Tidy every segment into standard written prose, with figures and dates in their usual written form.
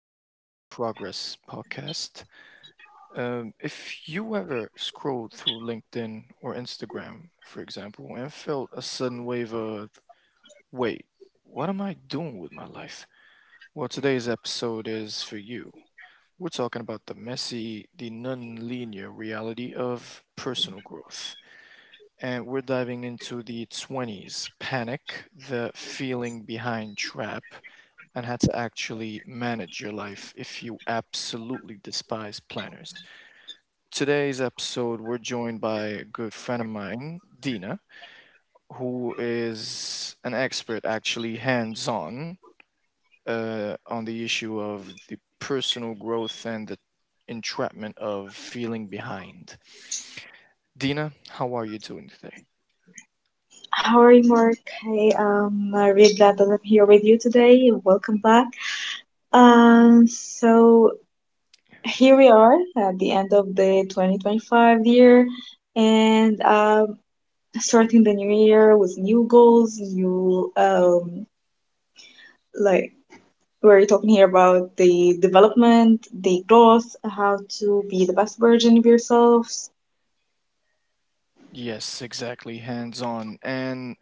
to the Progress Podcast. If you ever scrolled through LinkedIn or Instagram, for example, and felt a sudden wave of, wait, what am I doing with my life? Well, today's episode is for you. We're talking about the messy, the non linear reality of personal growth, and we're diving into the 20s panic, the feeling behind trap, and how to actually manage your life if you absolutely despise planners. Today's episode, we're joined by a good friend of mine, Dina, who is an expert, actually hands on the issue of the personal growth and the entrapment of feeling behind. Dina, how are you doing today? How are you, Mark? Hey, I'm really glad that I'm here with you today. Welcome back. So here we are at the end of the 2025 year, and starting the new year with new goals, new like we're talking here about the development, the growth, how to be the best version of yourselves. Yes, exactly, hands on. And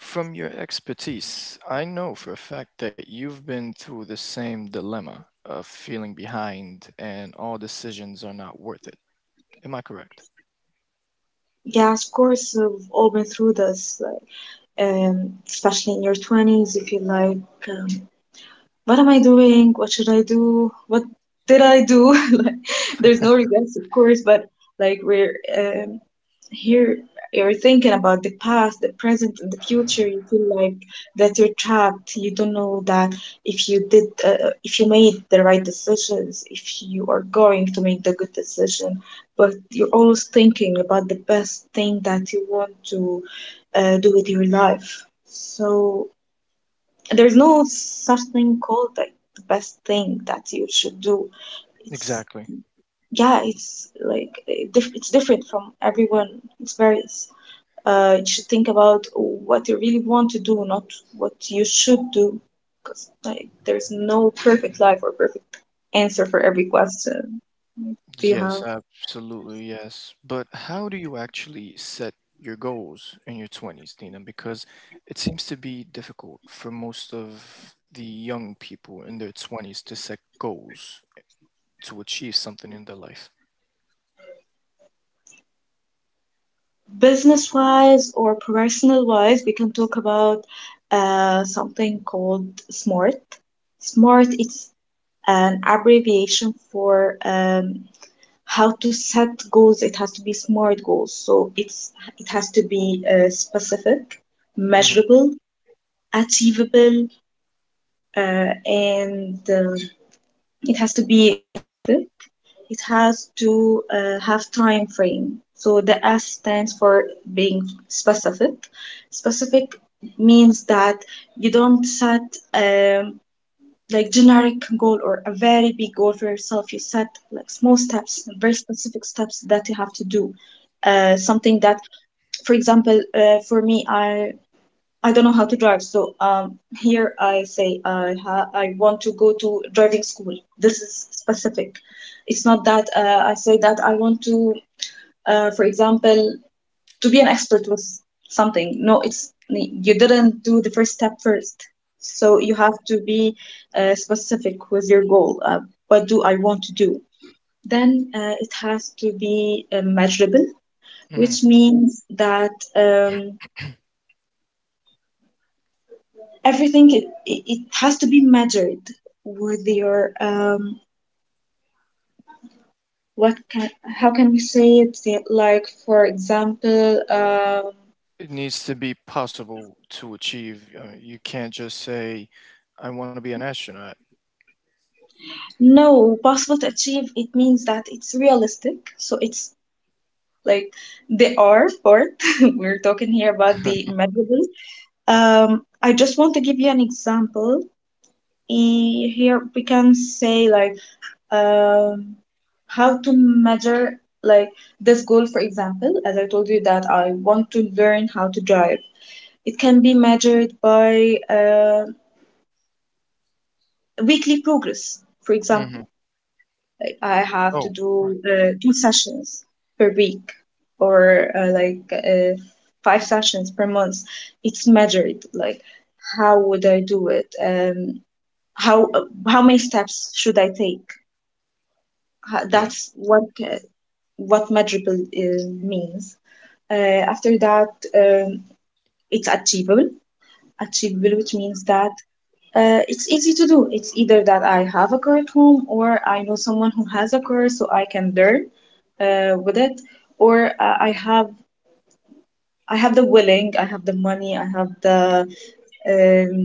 from your expertise, I know for a fact that you've been through the same dilemma of feeling behind and all decisions are not worth it. Am I correct? Yeah, of course, we've all been through this, especially in your 20s, if you feel like. um, what am I doing? What should I do? What did I do? Like, there's no regrets, of course, but like we're here, you're thinking about the past, the present, and the future. You feel like that you're trapped. You don't know that if you did, if you made the right decisions, if you are going to make the good decision, but you're always thinking about the best thing that you want to do with your life. So there's no such thing called like the best thing that you should do. It's Exactly. Yeah, it's like it's different from everyone. It's varies. You should think about what you really want to do, not what you should do, because like there's no perfect life or perfect answer for every question. That you Yes, have absolutely, yes. But how do you actually set your goals in your 20s, Dina? Because it seems to be difficult for most of the young people in their 20s to set goals to achieve something in their life. business wise or personal wise? We can talk about something called smart. Smart. It's an abbreviation for how to set goals. It has to be SMART goals. So it has to be specific, Hmm. measurable, achievable, uh, and it has to be it has to have time frame. So the S stands for being specific. Specific means that you don't set um, like generic goal or a very big goal for yourself. You set like small steps, very specific steps that you have to do something that, for example, for me, I don't know how to drive, so here I say I want to go to driving school. This is specific. It's not that, I say that I want to, for example, to be an expert with something. No, it's you didn't do the first step first. So you have to be specific with your goal. What do I want to do? Then it has to be measurable, which means that everything, it has to be measured with your what can, how can we say it, like for example, It needs to be possible to achieve. You can't just say, "I want to be an astronaut." no, possible to achieve, it means that it's realistic, so it's like they are part. We're talking here about the measurables. I just want to give you an example. Here we can say, like, um, how to measure, like, this goal. For example, as I told you that I want to learn how to drive. It can be measured by weekly progress. For example, Hmm. I have to Oh, right. do 2 sessions per week, or like 5 sessions per month. It's measured. Like, how would I do it? How how many steps should I take? Yeah, That's what measurable means. Uh, After that, um, it's achievable. Achievable, which means that it's easy to do. It's either that I have a car at home, or I know someone who has a car, so I can learn with it, or I have the willing, I have the money, I have um,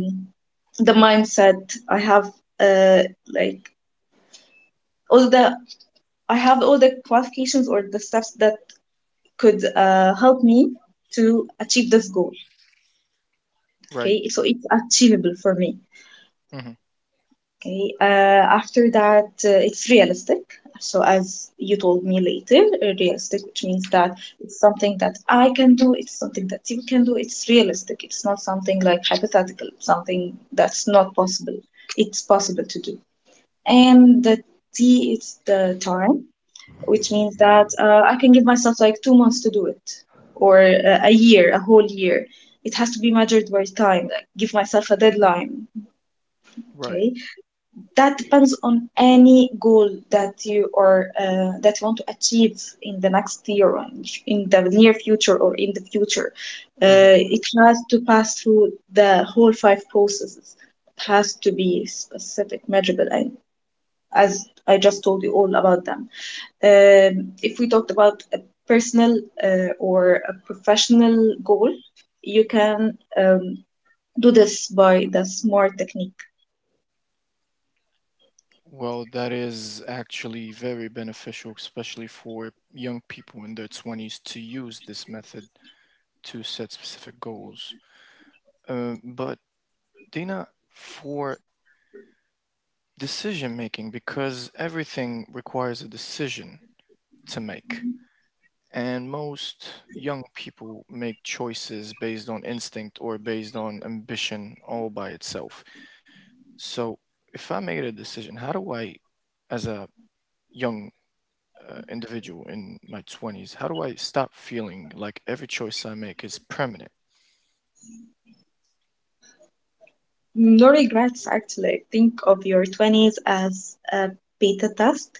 the mindset, I have uh, like all the, I have all the qualifications or the steps that could help me to achieve this goal. right. Okay, so it's achievable for me. Hmm. Okay. After that, it's realistic. So, as you told me later, realistic, which means that it's something that I can do, it's something that you can do, it's realistic. It's not something like hypothetical, something that's not possible. It's possible to do. And the T, it's the time, which means that I can give myself like 2 months to do it, or a year, a whole year. It has to be measured by time, like give myself a deadline. Right. Okay, that depends on any goal that you are that you want to achieve in the next year, or in the near future, or in the future. Hmm. It has to pass through the whole five processes. It has to be specific, measurable, and as I just told you all about them. If we talked about a personal or a professional goal, you can do this by the smart technique. Well, that is actually very beneficial, especially for young people in their 20s to use this method to set specific goals. But, Dina, for decision making, because everything requires a decision to make, and most young people make choices based on instinct or based on ambition all by itself. So, if I made a decision, how do I, as a young individual in my 20s, how do I stop feeling like every choice I make is permanent? No regrets, actually. Think of your 20s as a beta test.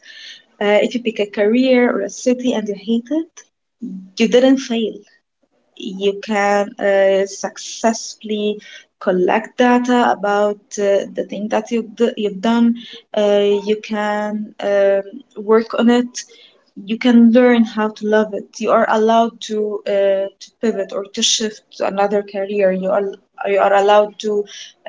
If you pick a career or a city and you hate it, you didn't fail. You can successfully collect data about the thing that you've done. You can work on it. You can learn how to love it. You are allowed to pivot or to shift to another career. You are allowed to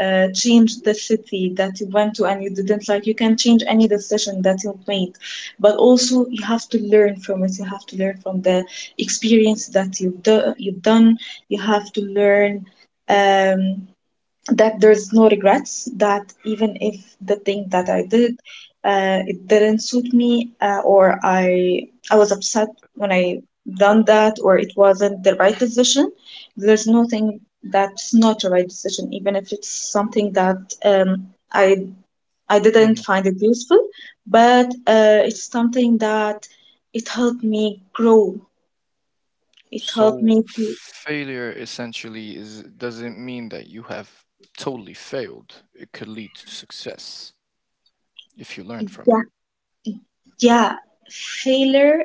change the city that you went to and you didn't like. You can change any decision that you made. But also you have to learn from it. You have to learn from the experience that you've done. You have to learn um, that there's no regrets, that even if the thing that I did, it didn't suit me, or I was upset when I done that, or it wasn't the right decision. There's nothing that's not a right decision, even if it's something that um, i I Mhm. didn't find it useful, but it's something that it helped me grow. It helped So, me to, failure essentially is doesn't mean that you have totally failed. It could lead to success if you learn from it. yeah, yeah. Failure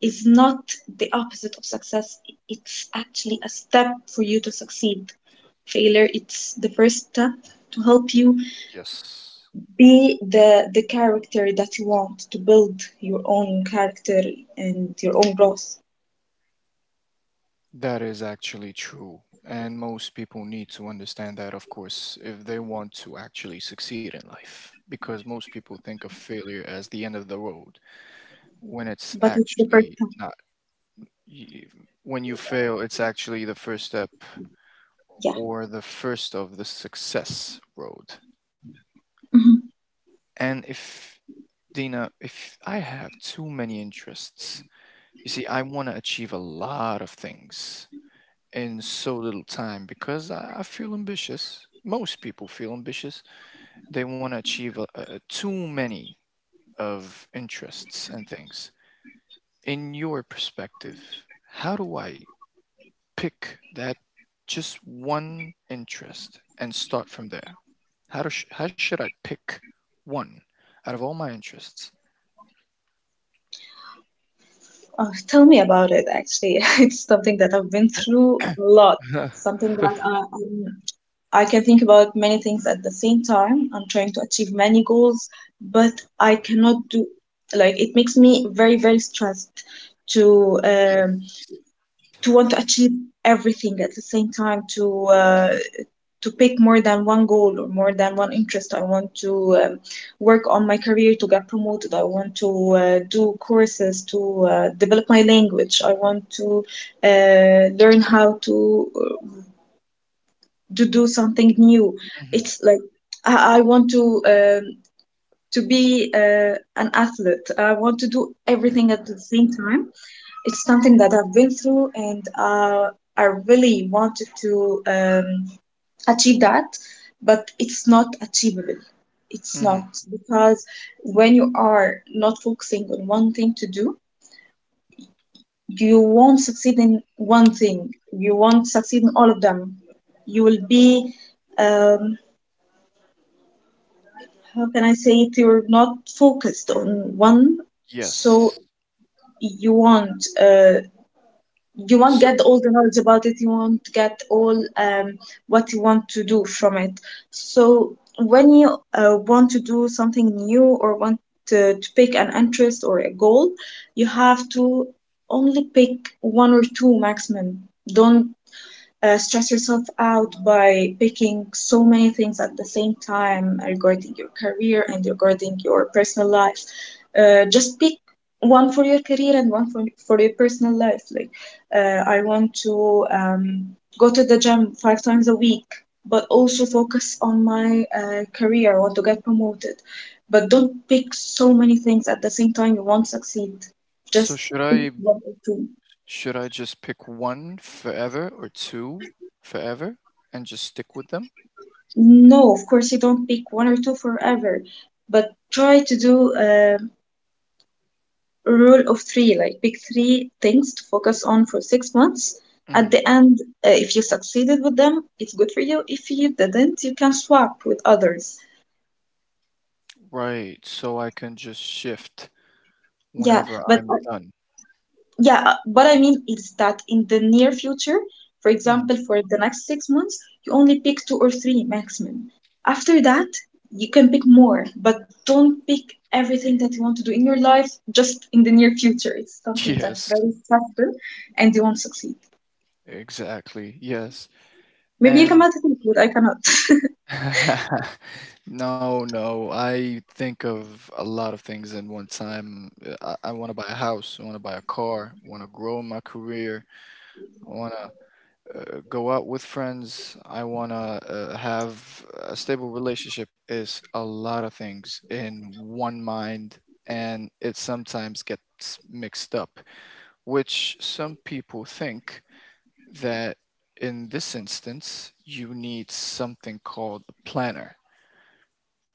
is not the opposite of success. It's actually a step for you to succeed. Failure, it's the first step to help you Yes. be the character that you want to build your own character and your own growth. That is actually true. And most people need to understand that, of course, if they want to actually succeed in life. Because most people think of failure as the end of the road, when it's But it's the first actually step. not. Y- When you fail, it's actually the first step Yeah. or the first of the success road. Mhm. And if, Dina, if I have too many interests, you see, I want to achieve a lot of things in so little time because I feel ambitious. Most people feel ambitious. They want to achieve too many of interests and things. In your perspective, how do I pick that just one interest and start from there? How should I pick one out of all my interests? Oh, tell me about it, actually. It's something that I've been through a lot. Something that I can think about many things at the same time. I'm trying to achieve many goals, but I cannot do, like, it makes me very, very stressed to Yes. um, to want to achieve everything at the same time, uh, to pick more than one goal or more than one interest. I want to work on my career to get promoted. I want to do courses to develop my language. I want to learn how to do something new. Hmm. It's like I want um, to be an athlete. I want to do everything at the same time. It's something that I've been through, and I really wanted to. Achieve that, but it's not achievable. It's Hmm. not, because when you are not focusing on one thing to do, you won't succeed in one thing, you won't succeed in all of them. You will be um, how can I say it, you're not focused on one. So Yes. you won't uh, you won't So get all the knowledge about it, you won't get all what you want to do from it. So when you want to do something new, or want to pick an interest or a goal, you have to only pick one or two maximum. Don't stress yourself out by picking so many things at the same time regarding your career and regarding your personal life. Just pick one for your career and one for your personal life. Like, I want to go to the gym 5 times a week, but also focus on my career. I want to get promoted. But don't pick so many things at the same time. You won't succeed. so Just should pick I one or two. Should I just pick one forever or two forever and just stick with them? No, of course you don't pick one or two forever, but try to do a rule of three, like pick three things to focus on for 6 months. At Hmm. the end, if you succeeded with them, it's good for you. If you didn't, you can swap with others. Right, so I can just shift Yeah, whenever but I'm done. Yeah, what I mean is that in the near future, for Mhm. example, for the next 6 months, you only pick two or three maximum. After that, you can pick more, but don't pick everything that you want to do in your life just in the near future. It's something that's Yes, very stressful and you won't succeed. exactly. Yes. Maybe you can And manage it, but I cannot. no, no, I think of a lot of things in one time. I want to buy a house, I want to buy a car, I want to grow my career, I want to go out with friends. I want to have a stable relationship is a lot of things in one mind, and it sometimes gets mixed up, which some people think that in this instance you need something called a planner.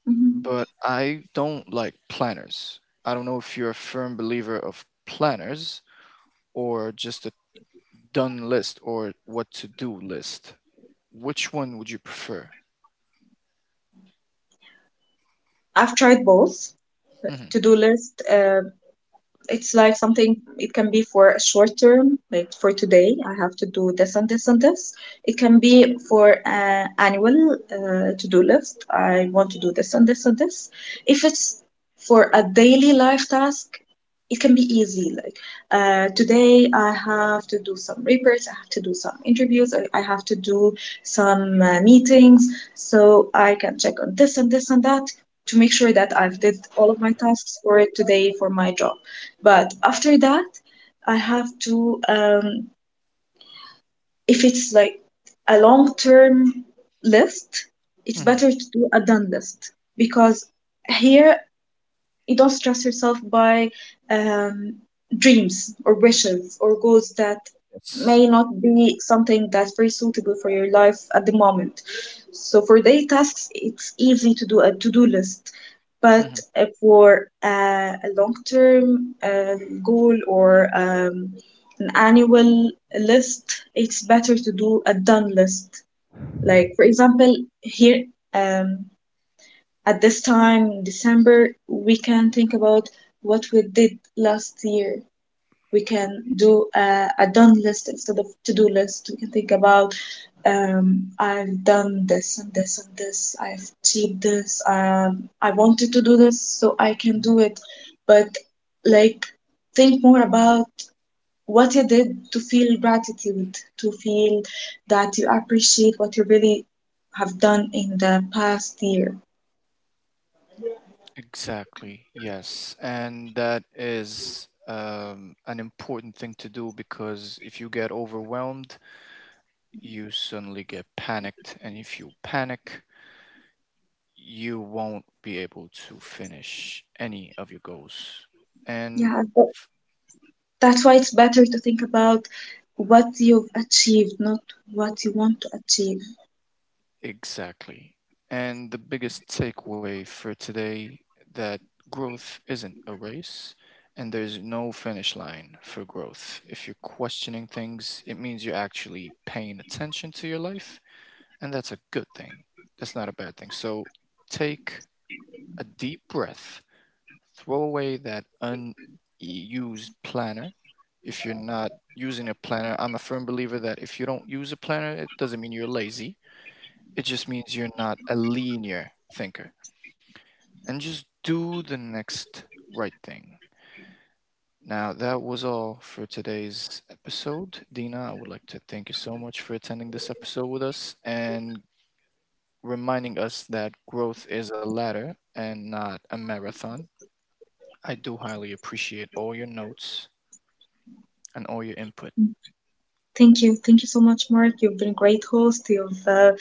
Mhm. But I don't like planners. I don't know if you're a firm believer of planners or just a done list or what to do list. Which one would you prefer? I've tried both Mhm, to do list. It's like something, it can be for a short term, like for today, I have to do this and this and this. It can be for an annual to-do list. I want to do this and this and this. If it's for a daily life task, it can be easy, like today I have to do some reports, I have to do some interviews, I, have to do some meetings, so I can check on this and this and that, to make sure that I've did all of my tasks for today for my job. But after that, I have to if it's like a long term list, it's mhm. better to do a done list, because here you don't stress yourself by um, dreams or wishes or goals that Yes. may not be something that's very suitable for your life at the moment. So for daily tasks, it's easy to do a to-do list, but Mhm, for a long-term goal or an annual list, it's better to do a done list. Like for example, here um, at this time, in December, we can think about what we did last year. We can do a done list instead of to do list. We can think about I've done this and this and this. I've achieved this. I wanted to do this, so I can mhm. do it. But like, think more about what you did to feel gratitude, to feel that you appreciate what you really have done in the past year. Exactly. Yes. And that is an important thing to do because if you get overwhelmed, you suddenly get panicked. And if you panic, you won't be able to finish any of your goals. And Yeah, that's why it's better to think about what you've achieved, not what you want to achieve. exactly. And the biggest takeaway for today that growth isn't a race and there's no finish line for growth. If you're questioning things, it means you're actually paying attention to your life, and that's a good thing. That's not a bad thing. So take a deep breath, throw away that unused planner. If you're not using a planner, I'm a firm believer that if you don't use a planner, it doesn't mean you're lazy, it just means you're not a linear thinker. And just do the next right thing. Now, that was all for today's episode. Dina, I would like to thank you so much for attending this episode with us and reminding us that growth is a ladder and not a marathon. I do highly appreciate all your notes and all your input. Thank you. Thank you so much, Mark. You've been a great host. You've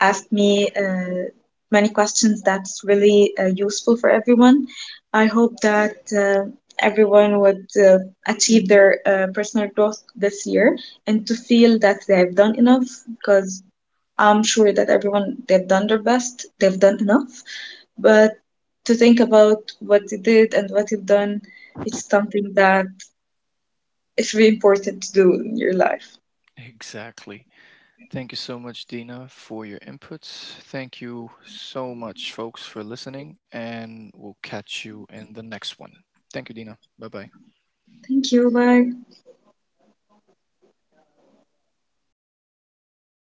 asked me many questions that's really useful for everyone. I hope that uh, everyone would achieve their personal growth this year, and to feel that they've done enough, because I'm sure that everyone, they've done their best, they've done enough. But to think about what you did and what you've done, it's something that is really important to do in your life. Exactly. Thank you so much, Dina, for your inputs. Thank you so much, folks, for listening, and we'll catch you in the next one. Thank you, Dina. Bye bye. Thank you. Bye.